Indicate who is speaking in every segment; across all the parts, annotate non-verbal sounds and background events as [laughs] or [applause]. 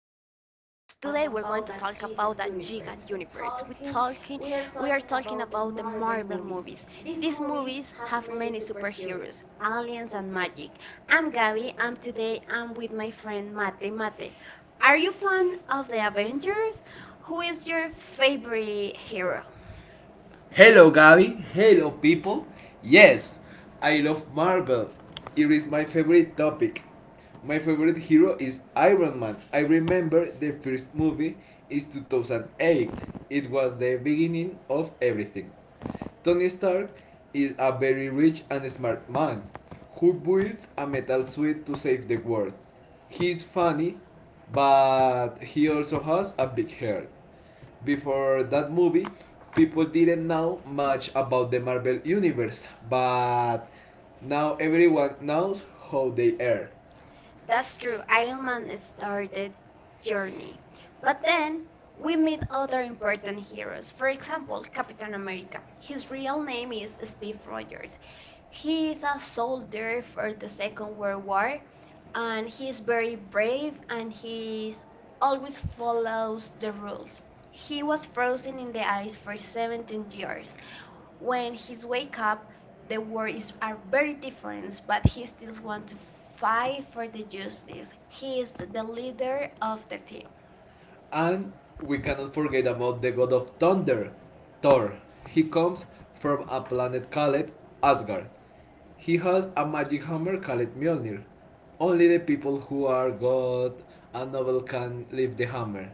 Speaker 1: Today, we're going to talk about a
Speaker 2: at
Speaker 1: giant
Speaker 2: Universe.
Speaker 1: universe. We're
Speaker 2: We're
Speaker 1: talking,
Speaker 2: talking about
Speaker 1: we are talking about
Speaker 2: the
Speaker 1: the
Speaker 2: Marvel
Speaker 1: Marvel
Speaker 2: movies.
Speaker 1: movies. These
Speaker 2: This is
Speaker 1: movies
Speaker 2: how
Speaker 1: have
Speaker 2: many
Speaker 1: many
Speaker 2: superheroes.
Speaker 1: superheroes, aliens, and magic. I'm Gabby, and today I'm
Speaker 2: With
Speaker 1: with
Speaker 2: my
Speaker 1: my
Speaker 2: friend
Speaker 1: friend Mate.
Speaker 2: Mate. Mate,
Speaker 1: Mate, are you fan of
Speaker 2: an
Speaker 1: the
Speaker 2: Avengers.
Speaker 1: Avengers? Who is your
Speaker 2: Who's favorite
Speaker 1: favorite hero?
Speaker 2: Hello, Gabi. Hello, people. Yes, I love Marvel. It is my favorite topic. My favorite hero is Iron Man. I remember the first movie is 2008. It was the beginning of everything. Tony Stark is a very rich and smart man who builds a metal suit to save the world. He's funny, but he also has a big heart. Before that movie, people didn't know much about the Marvel Universe, but now everyone knows how they are. That's
Speaker 1: That's
Speaker 2: true.
Speaker 1: true.
Speaker 2: Iron
Speaker 1: Iron
Speaker 2: Man
Speaker 1: Man
Speaker 2: started
Speaker 1: started
Speaker 2: journey.
Speaker 1: Journey.
Speaker 2: But
Speaker 1: But then
Speaker 2: we
Speaker 1: we
Speaker 2: meet
Speaker 1: meet other
Speaker 2: certain
Speaker 1: important heroes.
Speaker 2: heroes.
Speaker 1: For
Speaker 2: For example,
Speaker 1: example,
Speaker 2: Captain
Speaker 1: Captain America.
Speaker 2: America.
Speaker 1: His real
Speaker 2: His
Speaker 1: name
Speaker 2: name
Speaker 1: is
Speaker 2: is
Speaker 1: Steve
Speaker 2: Steve,
Speaker 1: Rogers.
Speaker 2: he
Speaker 1: He is
Speaker 2: is
Speaker 1: a
Speaker 2: a
Speaker 1: soldier for the Second World War and he is very
Speaker 2: very brave,
Speaker 1: brave
Speaker 2: and he is almost
Speaker 1: always follows the rules.
Speaker 2: he's
Speaker 1: He was frozen in the ice for
Speaker 2: 17
Speaker 1: 17
Speaker 2: years.
Speaker 1: years.
Speaker 2: When
Speaker 1: When he's wake up,
Speaker 2: the
Speaker 1: the
Speaker 2: war
Speaker 1: world is
Speaker 2: is
Speaker 1: are
Speaker 2: at
Speaker 1: very different,
Speaker 2: friends, but
Speaker 1: but
Speaker 2: he
Speaker 1: he still
Speaker 2: still
Speaker 1: wants
Speaker 2: wants
Speaker 1: to
Speaker 2: to
Speaker 1: fight for the
Speaker 2: fight
Speaker 1: justice.
Speaker 2: justice. He
Speaker 1: He
Speaker 2: is
Speaker 1: is
Speaker 2: the
Speaker 1: the
Speaker 2: liberty.
Speaker 1: leader of the team.
Speaker 2: And we cannot forget about the god of thunder, Thor. He comes from a planet called Asgard. He has a magic hammer called Mjolnir. Only the people who are god and noble can lift the hammer.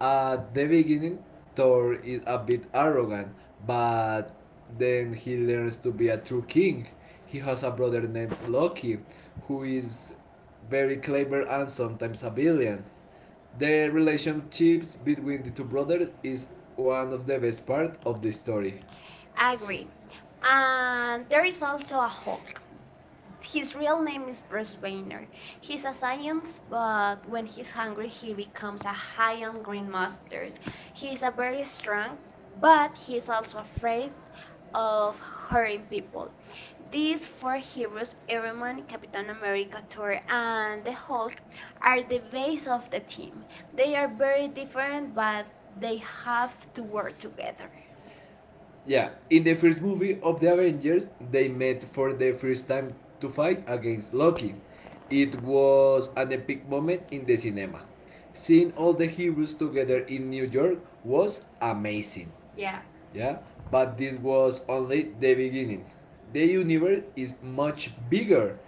Speaker 2: At the beginning, Thor is a bit arrogant, but then he learns to be a true king. He has a brother named Loki, who is very clever and sometimes a villain. The relationships between the two brothers is one of the best part of the story.
Speaker 1: Agree.
Speaker 2: And
Speaker 1: And there
Speaker 2: there
Speaker 1: is
Speaker 2: is a
Speaker 1: also a Hulk. His
Speaker 2: his
Speaker 1: real
Speaker 2: name
Speaker 1: name
Speaker 2: is
Speaker 1: is
Speaker 2: Bruce
Speaker 1: Bruce
Speaker 2: Banner.
Speaker 1: Banner.
Speaker 2: He
Speaker 1: He's a science,
Speaker 2: becomes
Speaker 1: but when he's
Speaker 2: hungry,
Speaker 1: hungry, he
Speaker 2: he
Speaker 1: becomes a
Speaker 2: becomes
Speaker 1: giant green
Speaker 2: green monster.
Speaker 1: monsters. He is a very
Speaker 2: He can
Speaker 1: strong,
Speaker 2: buy
Speaker 1: but he's also afraid
Speaker 2: other
Speaker 1: of hurting
Speaker 2: people.
Speaker 1: people. These
Speaker 2: These
Speaker 1: four heroes, Iron Man, Captain
Speaker 2: American
Speaker 1: America, Thor, and the Hulk, are the base
Speaker 2: days of
Speaker 1: of
Speaker 2: the
Speaker 1: the
Speaker 2: team.
Speaker 1: team.
Speaker 2: They
Speaker 1: They are very different, but they
Speaker 2: they
Speaker 1: have to work together.
Speaker 2: Yeah, in the first movie of the Avengers, they met for the first time to fight against Loki. It was an epic moment in the cinema. Seeing all the heroes together in New York was amazing.
Speaker 1: Yeah.
Speaker 2: Yeah. Yeah, but this was only the beginning. The universe is much bigger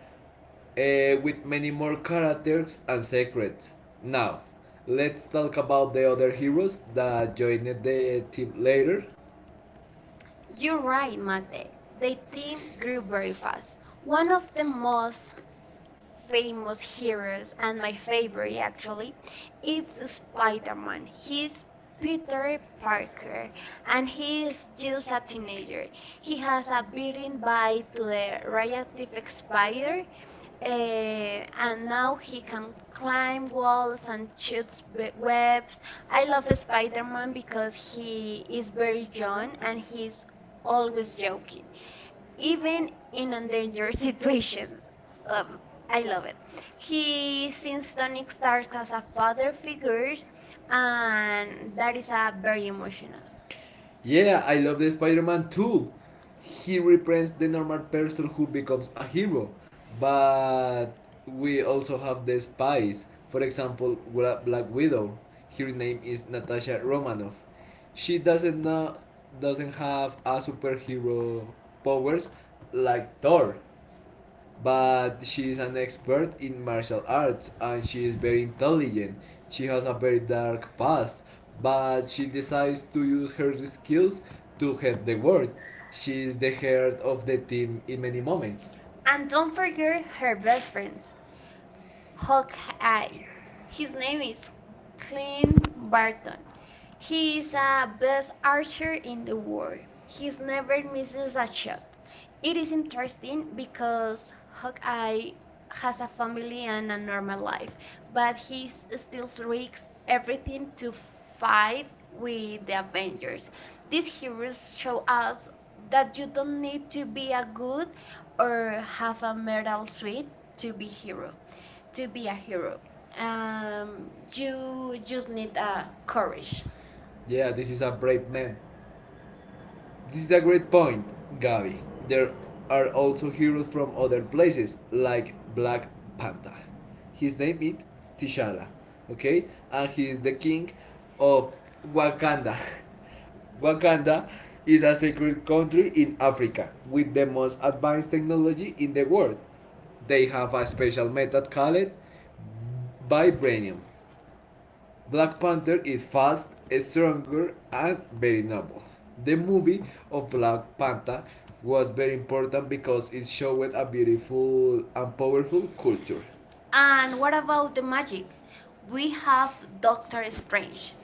Speaker 2: with many more characters and secrets. Now, let's talk about the other heroes that joined the team later.
Speaker 1: You're
Speaker 2: You're
Speaker 1: right,
Speaker 2: right, man.
Speaker 1: Mate. The
Speaker 2: The thing
Speaker 1: team
Speaker 2: Greece
Speaker 1: grew very fast. One of the most famous heroes and my
Speaker 2: was his
Speaker 1: favorite
Speaker 2: reality.
Speaker 1: actually
Speaker 2: It's
Speaker 1: it's Spider-Man
Speaker 2: spawn. He's
Speaker 1: he's Peter Parker and he is just
Speaker 2: a
Speaker 1: a
Speaker 2: teenager.
Speaker 1: teenager he has a
Speaker 2: He even
Speaker 1: beating by to the radioactive
Speaker 2: bikes by
Speaker 1: spider
Speaker 2: um,
Speaker 1: and now he can climb walls and
Speaker 2: just
Speaker 1: shoots webs I love Spider-Man because he
Speaker 2: he
Speaker 1: is very young and
Speaker 2: is
Speaker 1: he's always
Speaker 2: working.
Speaker 1: joking
Speaker 2: It's
Speaker 1: even in endangered [laughs]
Speaker 2: dangerous.
Speaker 1: situations. Um, I
Speaker 2: I,
Speaker 1: love it. He sees Tony Stark as a father figure,
Speaker 2: he and
Speaker 1: and that is
Speaker 2: that's
Speaker 1: a very
Speaker 2: very emotional.
Speaker 1: emotional.
Speaker 2: Yeah, I love the Spider-Man too. He represents the normal person who becomes a hero, but we also have the spies. For example, Black Widow. Her name is Natasha Romanoff. She doesn't know, doesn't have a superhero powers like Thor, but she is an expert in martial arts and she is very intelligent. She has a very dark past, but she decides to use her skills to help the world. She is the heart of the team in many moments.
Speaker 1: And don't forget her
Speaker 2: And
Speaker 1: best
Speaker 2: friends.
Speaker 1: friends, Hawkeye. His name is
Speaker 2: He's
Speaker 1: Clint
Speaker 2: clean.
Speaker 1: Barton. He
Speaker 2: He is
Speaker 1: is a best archer in
Speaker 2: the
Speaker 1: the
Speaker 2: world.
Speaker 1: world. He never misses a shot. It
Speaker 2: It is
Speaker 1: is interesting
Speaker 2: interesting because
Speaker 1: because Hawkeye
Speaker 2: he-
Speaker 1: has a family and a
Speaker 2: normal
Speaker 1: normal
Speaker 2: life.
Speaker 1: life, but he still risks everything to fight with
Speaker 2: With the
Speaker 1: the Avengers.
Speaker 2: Avengers.
Speaker 1: These
Speaker 2: These
Speaker 1: heroes
Speaker 2: heroes
Speaker 1: show
Speaker 2: show
Speaker 1: us
Speaker 2: us that
Speaker 1: that you
Speaker 2: you
Speaker 1: don't
Speaker 2: don't
Speaker 1: need
Speaker 2: need
Speaker 1: to
Speaker 2: to
Speaker 1: be
Speaker 2: be
Speaker 1: a
Speaker 2: a
Speaker 1: good
Speaker 2: good
Speaker 1: or
Speaker 2: or
Speaker 1: have
Speaker 2: have
Speaker 1: a
Speaker 2: a
Speaker 1: medal
Speaker 2: medal
Speaker 1: suit
Speaker 2: suit to
Speaker 1: to be
Speaker 2: be hero,
Speaker 1: hero,
Speaker 2: to
Speaker 1: to be
Speaker 2: be
Speaker 1: a
Speaker 2: a hero.
Speaker 1: hero.
Speaker 2: Um, you
Speaker 1: You just
Speaker 2: just need
Speaker 1: need
Speaker 2: courage.
Speaker 1: courage.
Speaker 2: Yeah, this is a brave man. This is a great point, Gabi. There are also heroes from other places, like Black Panther. His name is T'Challa, okay? And he is the king of Wakanda. [laughs] Wakanda is a secret country in Africa with the most advanced technology in the world. They have a special method called vibranium. Black Panther is fast, stronger, and very noble. The movie of Black Panther was very important because it showed a beautiful and powerful culture.
Speaker 1: And what about the magic? We
Speaker 2: We
Speaker 1: have
Speaker 2: have
Speaker 1: Doctor
Speaker 2: very strange.
Speaker 1: Strange.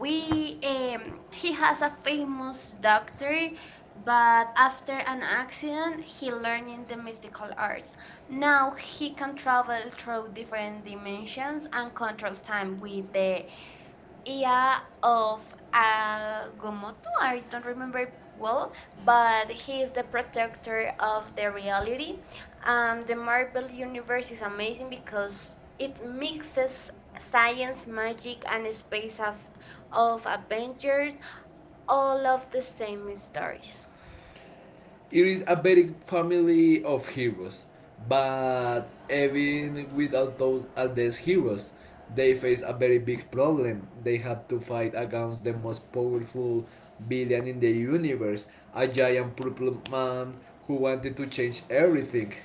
Speaker 2: We um,
Speaker 1: he
Speaker 2: he
Speaker 1: has a famous
Speaker 2: must
Speaker 1: doctor, but after an accident,
Speaker 2: learn
Speaker 1: he
Speaker 2: his
Speaker 1: learned in the mystical arts. Now he can travel through different
Speaker 2: different
Speaker 1: dimensions
Speaker 2: dimensions and
Speaker 1: and control time
Speaker 2: time
Speaker 1: with
Speaker 2: with the
Speaker 1: the
Speaker 2: it
Speaker 1: yeah, of Gomoto, I don't remember
Speaker 2: remember
Speaker 1: well, but he is the protector of
Speaker 2: the
Speaker 1: the reality.
Speaker 2: reality
Speaker 1: The Marvel Universe is amazing because it
Speaker 2: mixes
Speaker 1: mixes science, magic, and space of adventures, all of the same
Speaker 2: things.
Speaker 1: stories.
Speaker 2: It is a very family of heroes, but even without those as these heroes, they face a very big problem. They have to fight against the most powerful villain in the universe, a giant purple man who wanted to change everything.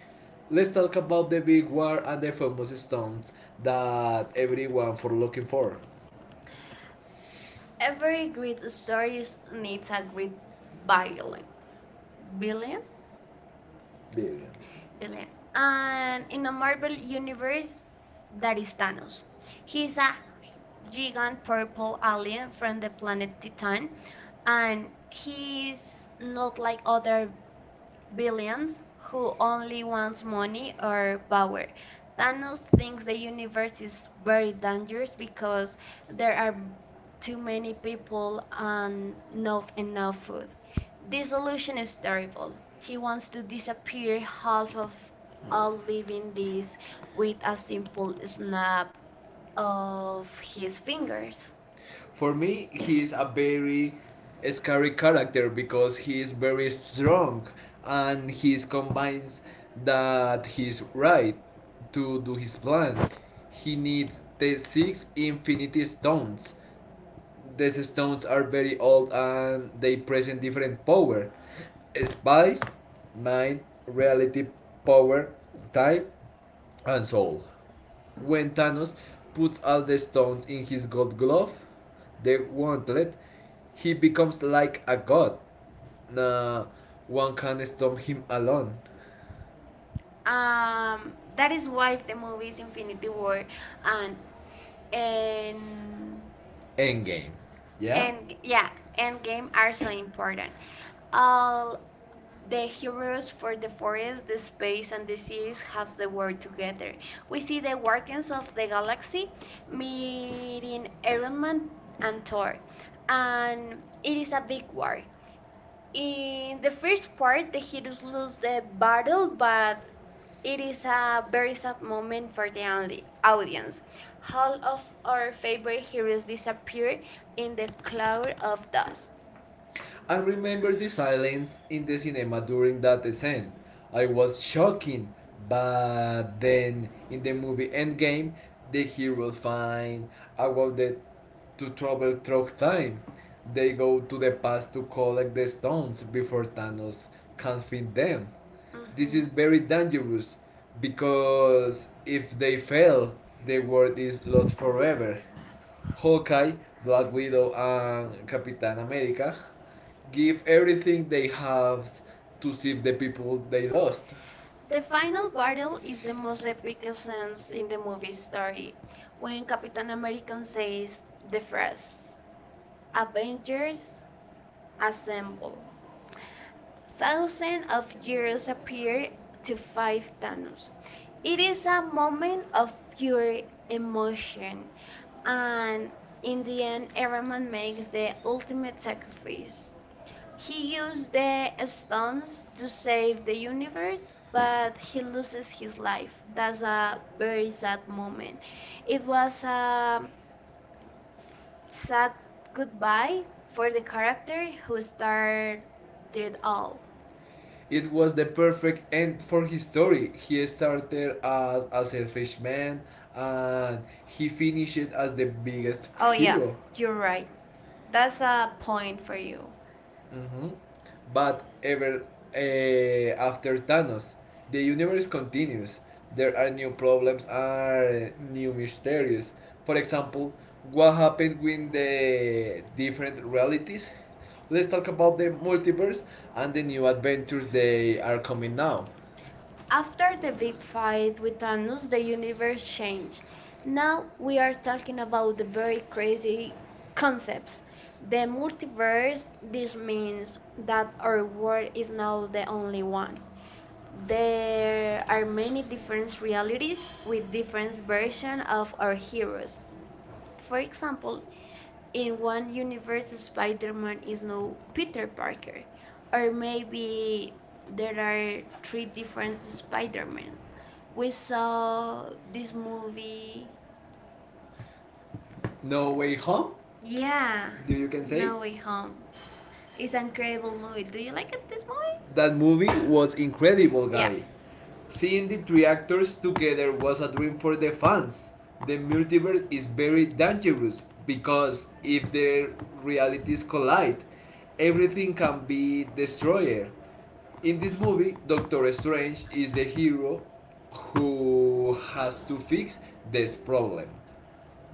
Speaker 2: Let's talk about the big war and the famous stones that everyone for looking for.
Speaker 1: Every great story needs
Speaker 2: Needs
Speaker 1: a
Speaker 2: a great
Speaker 1: great
Speaker 2: billion,
Speaker 1: villain. Villain?
Speaker 2: billion. Billion.
Speaker 1: Villain. And in a Marvel Universe, that is Thanos.
Speaker 2: Thanos.
Speaker 1: He's a
Speaker 2: He
Speaker 1: gigant purple alien from the planet
Speaker 2: planet Titan,
Speaker 1: Titan,
Speaker 2: and
Speaker 1: and
Speaker 2: his
Speaker 1: he's not like other
Speaker 2: hands
Speaker 1: billions who only wants money or power. Thanos thinks the universe
Speaker 2: versus
Speaker 1: is very dangerous because there are
Speaker 2: um
Speaker 1: too many people and
Speaker 2: no
Speaker 1: not enough food. This solution is terrible. He wants to disappear half of all
Speaker 2: leaving
Speaker 1: living beings
Speaker 2: these with
Speaker 1: with a
Speaker 2: a
Speaker 1: simple
Speaker 2: simple snap
Speaker 1: snap
Speaker 2: of
Speaker 1: of his
Speaker 2: his fingers.
Speaker 1: fingers.
Speaker 2: For me, he is a very scary character because he is very strong and he is combines that he is right to do his plan. He needs the six infinity stones. These stones are very old and they present different power. Spice, mind, reality, power, time, and soul. When Thanos puts all the stones in his gold glove, the gauntlet, he becomes like a god. Nah, one can stop him alone. Um,
Speaker 1: That is why the movie is
Speaker 2: Infinity
Speaker 1: Infinity War
Speaker 2: and
Speaker 1: and
Speaker 2: and
Speaker 1: and
Speaker 2: Endgame. Yeah? And
Speaker 1: and yeah,
Speaker 2: yeah,
Speaker 1: Endgame are so
Speaker 2: very.
Speaker 1: important. All the
Speaker 2: The
Speaker 1: heroes
Speaker 2: heroes
Speaker 1: for the forest, the space, and
Speaker 2: and
Speaker 1: the
Speaker 2: the
Speaker 1: series
Speaker 2: series
Speaker 1: have the
Speaker 2: are
Speaker 1: work
Speaker 2: together.
Speaker 1: together. We see the Guardians of the Galaxy
Speaker 2: Me,
Speaker 1: meeting Iron Man
Speaker 2: man, and
Speaker 1: and Thor,
Speaker 2: and
Speaker 1: and it
Speaker 2: it
Speaker 1: is a big war. In the first part, the heroes lose the battle,
Speaker 2: built by
Speaker 1: but it is a very sad moment for the
Speaker 2: the audience.
Speaker 1: audience. All of our favorite heroes disappear in the cloud of dust.
Speaker 2: I remember the silence in the cinema during that scene. I was shocking, but then in the movie Endgame, the heroes find out that to travel through time. They go to the past to collect the stones before Thanos can find them. This is
Speaker 1: Mhm.
Speaker 2: very dangerous because if they fail, the world is lost forever. Hawkeye, Black Widow, and Captain America give everything they have to save the people they lost. The
Speaker 1: The
Speaker 2: final
Speaker 1: final battle
Speaker 2: battle is
Speaker 1: is the
Speaker 2: the
Speaker 1: most
Speaker 2: most epic
Speaker 1: epic scene
Speaker 2: scenes in
Speaker 1: in the
Speaker 2: the
Speaker 1: movie
Speaker 2: movie story.
Speaker 1: story
Speaker 2: When
Speaker 1: when
Speaker 2: God
Speaker 1: Captain America
Speaker 2: says
Speaker 1: says the
Speaker 2: the first
Speaker 1: phrase, Avengers
Speaker 2: assemble,
Speaker 1: assemble. Thousands of
Speaker 2: heroes
Speaker 1: heroes appear
Speaker 2: appear to
Speaker 1: to
Speaker 2: fight
Speaker 1: fight
Speaker 2: Thanos.
Speaker 1: Thanos.
Speaker 2: It
Speaker 1: It is a
Speaker 2: comes
Speaker 1: moment
Speaker 2: of
Speaker 1: of
Speaker 2: pure
Speaker 1: pure
Speaker 2: emotion
Speaker 1: emotion
Speaker 2: and
Speaker 1: and in
Speaker 2: it
Speaker 1: the end, Iron Man makes
Speaker 2: makes the
Speaker 1: the ultimate
Speaker 2: ultimate sacrifice.
Speaker 1: sacrifice.
Speaker 2: He
Speaker 1: He
Speaker 2: used
Speaker 1: used
Speaker 2: the
Speaker 1: the
Speaker 2: belongs
Speaker 1: stones to
Speaker 2: to
Speaker 1: save
Speaker 2: the
Speaker 1: the
Speaker 2: universe,
Speaker 1: universe,
Speaker 2: but
Speaker 1: but he loses
Speaker 2: his
Speaker 1: his
Speaker 2: life
Speaker 1: life.
Speaker 2: that
Speaker 1: That's a very
Speaker 2: very sad
Speaker 1: sad
Speaker 2: moment.
Speaker 1: moment. It was a
Speaker 2: It's
Speaker 1: sad
Speaker 2: goodbye
Speaker 1: goodbye
Speaker 2: for
Speaker 1: for the character
Speaker 2: who
Speaker 1: who
Speaker 2: started
Speaker 1: started it
Speaker 2: all.
Speaker 1: all.
Speaker 2: It was the perfect end for his story. He started as a selfish man and he finished as the
Speaker 1: It
Speaker 2: biggest.
Speaker 1: Oh,
Speaker 2: Oh
Speaker 1: yeah,
Speaker 2: hero. Yeah, you're
Speaker 1: you're right.
Speaker 2: right. That
Speaker 1: That's a point
Speaker 2: point for
Speaker 1: for
Speaker 2: you.
Speaker 1: you.
Speaker 2: Mhm. But ever after Thanos, the universe continues. There are new problems, are new mysteries. For example, what happened with the different realities? Let's talk about the multiverse and the new adventures they are coming now.
Speaker 1: After
Speaker 2: After
Speaker 1: the
Speaker 2: the big
Speaker 1: big
Speaker 2: fight
Speaker 1: fight with
Speaker 2: with
Speaker 1: Thanos,
Speaker 2: Thanos, the
Speaker 1: the universe
Speaker 2: universe changed.
Speaker 1: changed.
Speaker 2: Now
Speaker 1: Now we are talking
Speaker 2: about
Speaker 1: about the
Speaker 2: the very
Speaker 1: very
Speaker 2: crazy
Speaker 1: crazy
Speaker 2: concepts.
Speaker 1: concepts. The
Speaker 2: The multiverse,
Speaker 1: multiverse, this
Speaker 2: this means
Speaker 1: means that our
Speaker 2: there
Speaker 1: world
Speaker 2: is
Speaker 1: is now
Speaker 2: no
Speaker 1: the only
Speaker 2: only one.
Speaker 1: one. There
Speaker 2: There
Speaker 1: are
Speaker 2: are many
Speaker 1: many
Speaker 2: different
Speaker 1: different
Speaker 2: realities
Speaker 1: realities
Speaker 2: with
Speaker 1: with
Speaker 2: different
Speaker 1: different versions of our
Speaker 2: heroes.
Speaker 1: heroes. For
Speaker 2: For
Speaker 1: example,
Speaker 2: example, in
Speaker 1: in one
Speaker 2: one
Speaker 1: universe,
Speaker 2: universe,
Speaker 1: Spider
Speaker 2: Spider-Man
Speaker 1: Man is
Speaker 2: is no
Speaker 1: no Peter
Speaker 2: Peter,
Speaker 1: Parker, or
Speaker 2: or
Speaker 1: maybe
Speaker 2: maybe there
Speaker 1: there are
Speaker 2: are
Speaker 1: three
Speaker 2: three
Speaker 1: different
Speaker 2: different Spider-Man.
Speaker 1: Spider Men. We saw this
Speaker 2: This movie,
Speaker 1: movie.
Speaker 2: No Way Home, yeah,
Speaker 1: Yeah,
Speaker 2: do you can say?
Speaker 1: No
Speaker 2: No
Speaker 1: Way
Speaker 2: Way Home,
Speaker 1: Home. It's an
Speaker 2: the
Speaker 1: incredible movie.
Speaker 2: movie.
Speaker 1: Do
Speaker 2: Do you
Speaker 1: you like
Speaker 2: like
Speaker 1: it,
Speaker 2: it?
Speaker 1: this
Speaker 2: This movie? That
Speaker 1: movie?
Speaker 2: movie was incredible,
Speaker 1: Yeah.
Speaker 2: Gabi. Yeah. Seeing the three actors together was a dream for the fans. The multiverse is very dangerous because if their realities collide, everything can be destroyed. In this movie, Doctor Strange is the hero who has to fix this problem.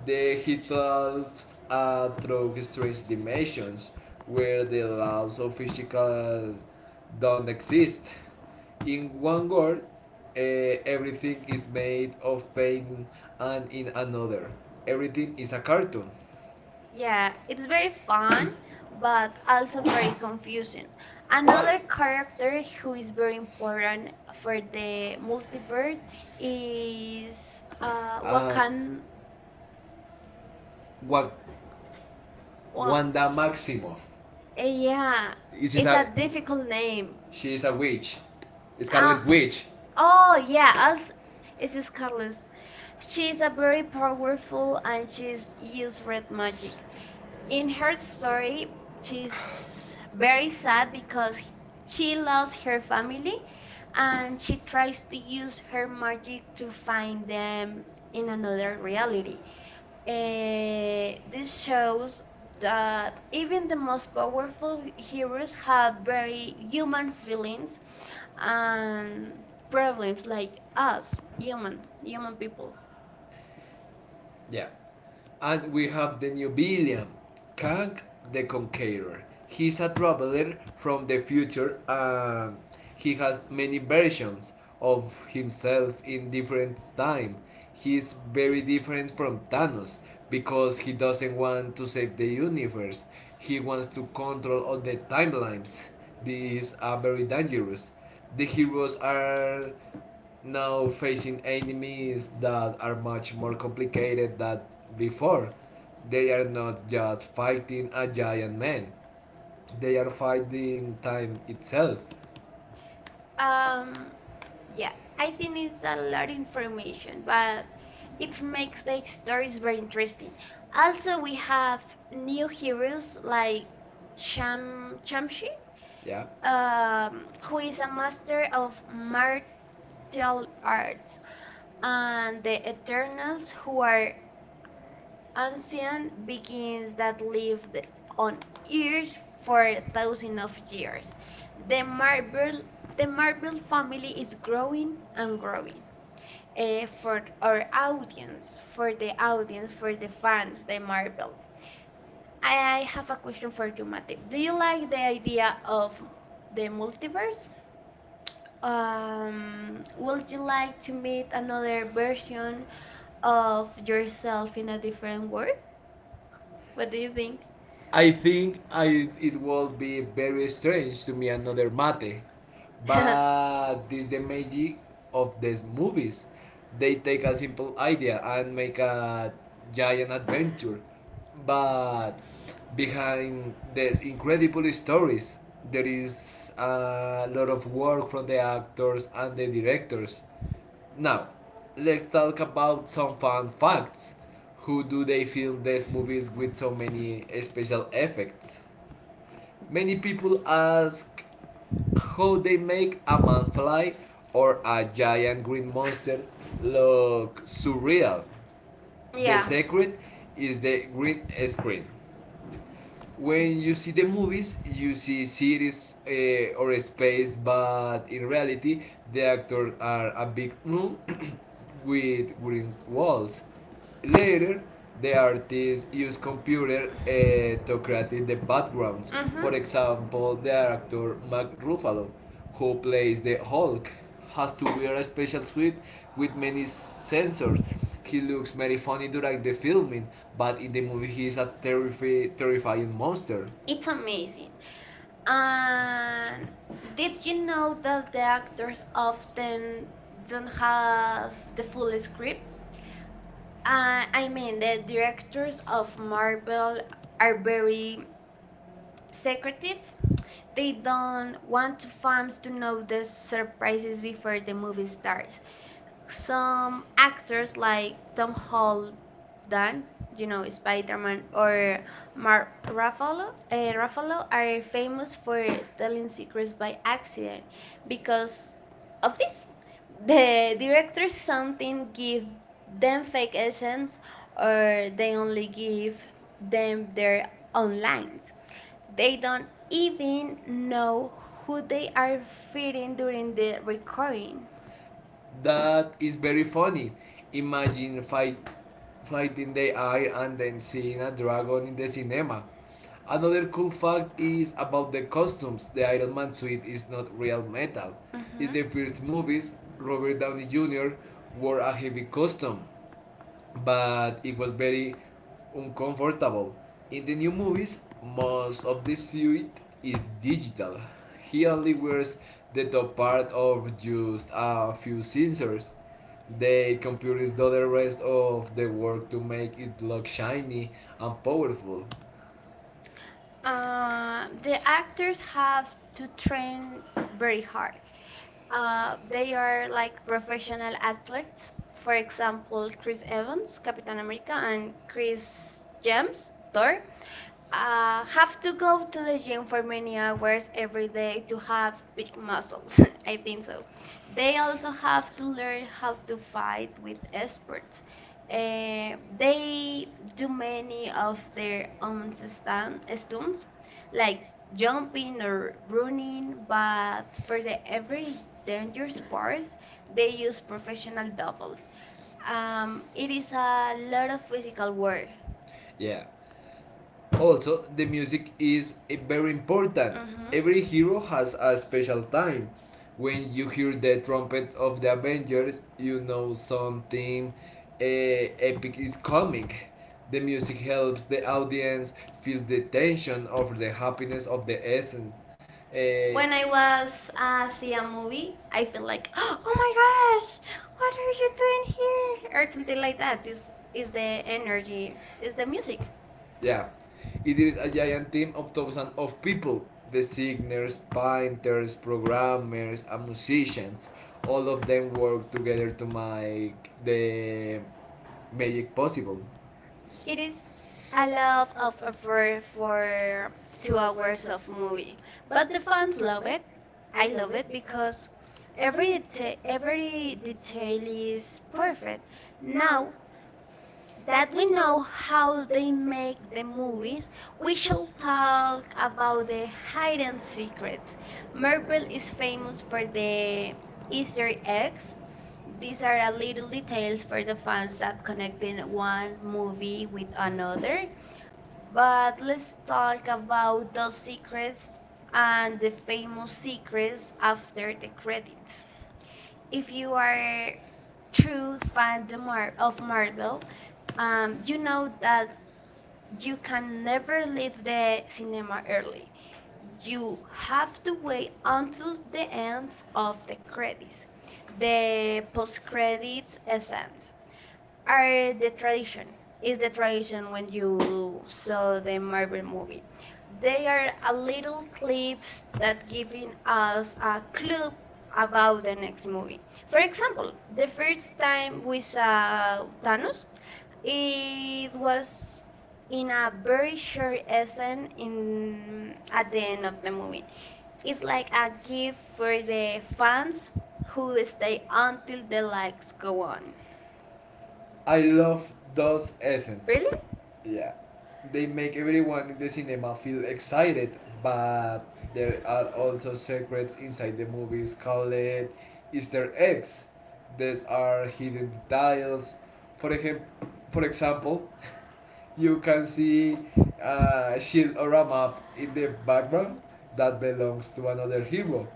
Speaker 2: The he talks through strange dimensions where the laws of physical don't exist. In one world, everything is made of pain, and in another, everything is a cartoon. Yeah,
Speaker 1: Yeah, it's very
Speaker 2: fun,
Speaker 1: fun,
Speaker 2: but
Speaker 1: but
Speaker 2: also
Speaker 1: also
Speaker 2: very
Speaker 1: very
Speaker 2: confusing.
Speaker 1: confusing. Another
Speaker 2: Another character
Speaker 1: character
Speaker 2: who
Speaker 1: who
Speaker 2: is
Speaker 1: is
Speaker 2: very
Speaker 1: very
Speaker 2: different
Speaker 1: important for
Speaker 2: from the
Speaker 1: the multiverse
Speaker 2: multiverse is
Speaker 1: is
Speaker 2: uh, Wakan. Wuhan.
Speaker 1: Wakan.
Speaker 2: Wak
Speaker 1: Wa-
Speaker 2: Wanda Maximoff.
Speaker 1: Eh,
Speaker 2: Yeah.
Speaker 1: yeah,
Speaker 2: This is it's
Speaker 1: it's a
Speaker 2: a
Speaker 1: difficult
Speaker 2: difficult name.
Speaker 1: name.
Speaker 2: She is a witch. Scarlet Witch.
Speaker 1: Scarlet Ah,
Speaker 2: Oh,
Speaker 1: oh yeah, also it's
Speaker 2: it's Scarlet.
Speaker 1: Scarlet.
Speaker 2: She
Speaker 1: She is
Speaker 2: is
Speaker 1: a
Speaker 2: a very
Speaker 1: very
Speaker 2: powerful
Speaker 1: powerful
Speaker 2: and
Speaker 1: and
Speaker 2: she
Speaker 1: she's used
Speaker 2: uses
Speaker 1: red
Speaker 2: red
Speaker 1: magic.
Speaker 2: magic.
Speaker 1: In
Speaker 2: In her
Speaker 1: her story,
Speaker 2: story,
Speaker 1: she's
Speaker 2: she's very
Speaker 1: very sad
Speaker 2: because
Speaker 1: because
Speaker 2: she
Speaker 1: she
Speaker 2: lost
Speaker 1: lost
Speaker 2: her
Speaker 1: her family
Speaker 2: family and
Speaker 1: and she tries to use her
Speaker 2: to
Speaker 1: magic to
Speaker 2: find
Speaker 1: find
Speaker 2: them
Speaker 1: them
Speaker 2: in
Speaker 1: in
Speaker 2: another
Speaker 1: another
Speaker 2: reality.
Speaker 1: reality. This
Speaker 2: This
Speaker 1: shows that even
Speaker 2: even
Speaker 1: the
Speaker 2: the
Speaker 1: most
Speaker 2: most powerful
Speaker 1: powerful
Speaker 2: hero
Speaker 1: heroes have very
Speaker 2: human
Speaker 1: human
Speaker 2: feelings
Speaker 1: feelings
Speaker 2: and
Speaker 1: and
Speaker 2: problems
Speaker 1: problems
Speaker 2: like
Speaker 1: like us
Speaker 2: human
Speaker 1: human
Speaker 2: human
Speaker 1: human
Speaker 2: people.
Speaker 1: people
Speaker 2: Yeah, and we have the new billion. Kang the Conqueror. He's a traveler from the future and he has many versions of himself in different time. He's very different from Thanos because he doesn't want to save the universe. He wants to control all the timelines. These are very dangerous. The heroes are now facing enemies that are much more complicated than before. They are not just fighting a giant man, they are fighting time itself. Um,
Speaker 1: um
Speaker 2: yeah,
Speaker 1: yeah I
Speaker 2: it
Speaker 1: think
Speaker 2: is
Speaker 1: it's a
Speaker 2: a
Speaker 1: lot of
Speaker 2: formation,
Speaker 1: information
Speaker 2: but
Speaker 1: but
Speaker 2: it
Speaker 1: it
Speaker 2: makes
Speaker 1: makes the
Speaker 2: the story
Speaker 1: stories
Speaker 2: very
Speaker 1: very
Speaker 2: interesting.
Speaker 1: interesting
Speaker 2: I have
Speaker 1: also we have new
Speaker 2: new
Speaker 1: heroes
Speaker 2: heroes like.
Speaker 1: like cham chamshi
Speaker 2: Yeah,
Speaker 1: who
Speaker 2: who-
Speaker 1: is a master of martial
Speaker 2: the others
Speaker 1: arts and the
Speaker 2: are not
Speaker 1: eternals
Speaker 2: who
Speaker 1: who are ancient
Speaker 2: beings
Speaker 1: beings
Speaker 2: that
Speaker 1: that lived
Speaker 2: lived on
Speaker 1: on
Speaker 2: Earth
Speaker 1: Earth for
Speaker 2: for
Speaker 1: thousands
Speaker 2: thousands of
Speaker 1: of
Speaker 2: years.
Speaker 1: years.
Speaker 2: The
Speaker 1: The
Speaker 2: marble,
Speaker 1: Marvel, the
Speaker 2: the
Speaker 1: Marvel
Speaker 2: marble
Speaker 1: family
Speaker 2: family
Speaker 1: is
Speaker 2: is
Speaker 1: growing
Speaker 2: growing
Speaker 1: and
Speaker 2: and growing.
Speaker 1: growing.
Speaker 2: Audience
Speaker 1: For
Speaker 2: for the
Speaker 1: the
Speaker 2: audience
Speaker 1: audience,
Speaker 2: for
Speaker 1: for the
Speaker 2: fans,
Speaker 1: fans, the
Speaker 2: the marble.
Speaker 1: Marvel. I have a question for
Speaker 2: For
Speaker 1: you,
Speaker 2: the Marvel.
Speaker 1: Mate. Do you like
Speaker 2: Like
Speaker 1: the
Speaker 2: the
Speaker 1: idea
Speaker 2: of
Speaker 1: of
Speaker 2: the
Speaker 1: the
Speaker 2: multiverse.
Speaker 1: multiverse?
Speaker 2: Would
Speaker 1: Would
Speaker 2: you
Speaker 1: you like
Speaker 2: like
Speaker 1: to
Speaker 2: to meet
Speaker 1: meet another
Speaker 2: John
Speaker 1: version of
Speaker 2: Elf
Speaker 1: yourself in
Speaker 2: in
Speaker 1: a
Speaker 2: a different.
Speaker 1: different world?
Speaker 2: What
Speaker 1: What do
Speaker 2: do you
Speaker 1: you
Speaker 2: think?
Speaker 1: think?
Speaker 2: I think I it will be very strange to me another mate,
Speaker 1: [laughs]
Speaker 2: but
Speaker 1: Yeah. Mhm.
Speaker 2: yeah. This is the magic of these movies. They take a simple idea and make a giant adventure, but behind these incredible stories, there is a lot of work from the actors and the directors. Now, let's talk about some fun facts. Who do they film these movies with so many special effects? Many people ask how they make a man fly or a giant green monster look surreal. Yeah. The secret is the green screen when you see the movies, you see cities or space, but in reality, the actors are a big room [coughs] with green walls. Later, the artists use computer to create the backgrounds. Mhm. For example, the actor Mark Ruffalo who plays the Hulk, has to wear a special suit with many sensors. He looks very funny during the filming, but in the movie he is a terrifying monster.
Speaker 1: It's
Speaker 2: It's amazing.
Speaker 1: amazing.
Speaker 2: Uh,
Speaker 1: And
Speaker 2: this
Speaker 1: did you know that the actors
Speaker 2: then
Speaker 1: often
Speaker 2: the,
Speaker 1: don't have
Speaker 2: the
Speaker 1: the
Speaker 2: full
Speaker 1: full
Speaker 2: script.
Speaker 1: script?
Speaker 2: I, I
Speaker 1: I mean,
Speaker 2: mean,
Speaker 1: the
Speaker 2: the
Speaker 1: directors
Speaker 2: of
Speaker 1: of Marvel
Speaker 2: Marvel
Speaker 1: are
Speaker 2: are
Speaker 1: very
Speaker 2: very. Sick.
Speaker 1: secretive. They
Speaker 2: They don't
Speaker 1: don't
Speaker 2: want
Speaker 1: want fans to know the
Speaker 2: surprises
Speaker 1: surprises before
Speaker 2: before
Speaker 1: the
Speaker 2: the
Speaker 1: movie
Speaker 2: movie starts.
Speaker 1: starts. Some actors
Speaker 2: Like
Speaker 1: like
Speaker 2: the
Speaker 1: Tom
Speaker 2: whole,
Speaker 1: Holland, you
Speaker 2: you
Speaker 1: know,
Speaker 2: know,
Speaker 1: Spider-Man,
Speaker 2: Spider-Man
Speaker 1: or
Speaker 2: or
Speaker 1: Mark
Speaker 2: Mark
Speaker 1: Ruffalo, Ruffalo are famous
Speaker 2: for
Speaker 1: for telling
Speaker 2: telling
Speaker 1: secrets
Speaker 2: secrets by
Speaker 1: by
Speaker 2: accident.
Speaker 1: accident because of this. The director
Speaker 2: Didn't
Speaker 1: something give
Speaker 2: give
Speaker 1: them fake essence,
Speaker 2: or
Speaker 1: or they
Speaker 2: they
Speaker 1: only
Speaker 2: only
Speaker 1: give
Speaker 2: give them
Speaker 1: them their
Speaker 2: their
Speaker 1: own
Speaker 2: own lines.
Speaker 1: lines. They don't
Speaker 2: Even
Speaker 1: even
Speaker 2: know
Speaker 1: know
Speaker 2: who
Speaker 1: who they are feeding
Speaker 2: feeding
Speaker 1: during
Speaker 2: during the
Speaker 1: the
Speaker 2: morning.
Speaker 1: recording.
Speaker 2: That is very funny. Imagine fighting the eye and then seeing a dragon in the cinema. Another cool fact is about the costumes. The Iron Man suit is not real metal. It's the first
Speaker 1: Hmm.
Speaker 2: movies Robert Downey Jr. wore a heavy costume but it was very uncomfortable. In the new movies, most of the suit is digital. He only wears the top part of just a few sensors. The computers do the rest of the work to make it look shiny and powerful. Uh, the
Speaker 1: The actors
Speaker 2: actors have
Speaker 1: have to
Speaker 2: to train
Speaker 1: train very
Speaker 2: very
Speaker 1: hard.
Speaker 2: hard.
Speaker 1: They
Speaker 2: They are
Speaker 1: are
Speaker 2: like
Speaker 1: like
Speaker 2: professional
Speaker 1: professional
Speaker 2: athletes.
Speaker 1: athletes.
Speaker 2: For
Speaker 1: For example,
Speaker 2: example,
Speaker 1: Chris
Speaker 2: Chris Evans,
Speaker 1: Evans,
Speaker 2: Captain
Speaker 1: Captain America,
Speaker 2: America, and
Speaker 1: and
Speaker 2: Chris
Speaker 1: Chris
Speaker 2: James,
Speaker 1: James, Thor.
Speaker 2: Thor.
Speaker 1: Have to go to the gym for many hours
Speaker 2: Every
Speaker 1: every day
Speaker 2: day
Speaker 1: to have big muscles. [laughs] I think so. They also have
Speaker 2: to
Speaker 1: to learn
Speaker 2: learn
Speaker 1: how to fight with
Speaker 2: with experts.
Speaker 1: experts.
Speaker 2: They
Speaker 1: They
Speaker 2: do
Speaker 1: do many
Speaker 2: many
Speaker 1: of their
Speaker 2: on
Speaker 1: own
Speaker 2: the stand stunts,
Speaker 1: stunts, like
Speaker 2: jumping
Speaker 1: jumping
Speaker 2: or
Speaker 1: or
Speaker 2: running,
Speaker 1: running,
Speaker 2: but
Speaker 1: but for the
Speaker 2: very
Speaker 1: every
Speaker 2: dangerous
Speaker 1: dangerous
Speaker 2: sport.
Speaker 1: parts, they
Speaker 2: They use
Speaker 1: use professional
Speaker 2: doubles.
Speaker 1: doubles.
Speaker 2: It
Speaker 1: It is
Speaker 2: is a
Speaker 1: a lot of physical
Speaker 2: physical work.
Speaker 1: work.
Speaker 2: Yeah, also the music is very important. Mm-hmm.
Speaker 1: Mhm.
Speaker 2: Every hero has a special time. When you hear the trumpet of the Avengers you know something epic is coming. The music helps the audience feel the tension of the happiness of the essence. When
Speaker 1: When
Speaker 2: I
Speaker 1: I
Speaker 2: was
Speaker 1: was see
Speaker 2: see a
Speaker 1: a
Speaker 2: movie,
Speaker 1: movie,
Speaker 2: I
Speaker 1: I
Speaker 2: feel
Speaker 1: feel
Speaker 2: like,
Speaker 1: like, [gasps]
Speaker 2: [gasps]
Speaker 1: oh
Speaker 2: oh,
Speaker 1: my gosh, what are you doing here? Or
Speaker 2: here,
Speaker 1: something
Speaker 2: something like
Speaker 1: like that.
Speaker 2: this
Speaker 1: This is the
Speaker 2: energy
Speaker 1: energy,
Speaker 2: is
Speaker 1: is
Speaker 2: the
Speaker 1: the
Speaker 2: music.
Speaker 1: music.
Speaker 2: Yeah, it is a giant team of thousands of people. Designers, painters, programmers, and musicians. All of them work together to make the magic possible. It
Speaker 1: It
Speaker 2: is
Speaker 1: is
Speaker 2: a
Speaker 1: a
Speaker 2: love
Speaker 1: love of a for
Speaker 2: to
Speaker 1: two
Speaker 2: a
Speaker 1: hours
Speaker 2: love
Speaker 1: of
Speaker 2: movie,
Speaker 1: movie,
Speaker 2: but
Speaker 1: but the
Speaker 2: fans
Speaker 1: fans
Speaker 2: love
Speaker 1: love
Speaker 2: it.
Speaker 1: it. I love it because
Speaker 2: every
Speaker 1: every
Speaker 2: every detail
Speaker 1: detail
Speaker 2: is
Speaker 1: is perfect.
Speaker 2: now
Speaker 1: Now
Speaker 2: that
Speaker 1: that we
Speaker 2: we
Speaker 1: know
Speaker 2: know
Speaker 1: how
Speaker 2: they
Speaker 1: they
Speaker 2: made
Speaker 1: make
Speaker 2: this.
Speaker 1: the movies,
Speaker 2: We
Speaker 1: we shall
Speaker 2: talk
Speaker 1: talk about
Speaker 2: about the
Speaker 1: the
Speaker 2: hidden
Speaker 1: hidden
Speaker 2: secrets.
Speaker 1: secrets.
Speaker 2: Mer-
Speaker 1: Marvel is
Speaker 2: is famous
Speaker 1: famous
Speaker 2: for
Speaker 1: for
Speaker 2: the
Speaker 1: the Easter
Speaker 2: Easter eggs,
Speaker 1: eggs.
Speaker 2: these
Speaker 1: These are a little details for the
Speaker 2: ones
Speaker 1: fans
Speaker 2: that
Speaker 1: that
Speaker 2: connected
Speaker 1: connecting
Speaker 2: one
Speaker 1: one movie
Speaker 2: movie with
Speaker 1: with
Speaker 2: another,
Speaker 1: another.
Speaker 2: but
Speaker 1: But let's talk about those
Speaker 2: secrets
Speaker 1: secrets
Speaker 2: and
Speaker 1: and
Speaker 2: the
Speaker 1: the famous secrets
Speaker 2: secrets are great.
Speaker 1: after the credits. If you are true
Speaker 2: And
Speaker 1: fan
Speaker 2: the
Speaker 1: the
Speaker 2: mall,
Speaker 1: Mar- of Marvel,
Speaker 2: you
Speaker 1: you know
Speaker 2: know that
Speaker 1: that you
Speaker 2: you
Speaker 1: can
Speaker 2: can
Speaker 1: never
Speaker 2: never leave
Speaker 1: leave
Speaker 2: the
Speaker 1: the
Speaker 2: cinema
Speaker 1: cinema
Speaker 2: early.
Speaker 1: early.
Speaker 2: You
Speaker 1: You
Speaker 2: have
Speaker 1: have to
Speaker 2: to wait
Speaker 1: wait
Speaker 2: until
Speaker 1: until
Speaker 2: the
Speaker 1: the
Speaker 2: end
Speaker 1: end
Speaker 2: of
Speaker 1: of
Speaker 2: the
Speaker 1: the
Speaker 2: credits.
Speaker 1: credits.
Speaker 2: The
Speaker 1: The
Speaker 2: post
Speaker 1: post credits
Speaker 2: credits scenes
Speaker 1: essence
Speaker 2: are
Speaker 1: are the tradition. Is the
Speaker 2: frustration
Speaker 1: tradition
Speaker 2: when
Speaker 1: when
Speaker 2: you
Speaker 1: you
Speaker 2: saw
Speaker 1: saw
Speaker 2: the
Speaker 1: the
Speaker 2: Marvel
Speaker 1: Marvel
Speaker 2: movie.
Speaker 1: movie. They
Speaker 2: The
Speaker 1: are a
Speaker 2: little
Speaker 1: little
Speaker 2: clips
Speaker 1: clips that giving us a clue
Speaker 2: of
Speaker 1: about
Speaker 2: the
Speaker 1: the
Speaker 2: next
Speaker 1: next
Speaker 2: movie.
Speaker 1: movie. For example,
Speaker 2: The
Speaker 1: the first time
Speaker 2: frame we
Speaker 1: we
Speaker 2: saw
Speaker 1: saw Thanos,
Speaker 2: is
Speaker 1: it was in a very short essence
Speaker 2: in
Speaker 1: in
Speaker 2: at
Speaker 1: at
Speaker 2: the
Speaker 1: the
Speaker 2: end
Speaker 1: end of
Speaker 2: of the
Speaker 1: the
Speaker 2: movie.
Speaker 1: movie. It's like a
Speaker 2: Give
Speaker 1: gift
Speaker 2: for
Speaker 1: for
Speaker 2: the
Speaker 1: the fans
Speaker 2: fans.
Speaker 1: who stay until the lights
Speaker 2: Let's
Speaker 1: go
Speaker 2: go on.
Speaker 1: on.
Speaker 2: I love those essence.
Speaker 1: Really?
Speaker 2: Yeah, they make everyone in the cinema feel excited, but there are also secrets inside the movies called easter eggs. These are hidden details for, ejem- for example you can see a shield or a map in the background that belongs to another hero.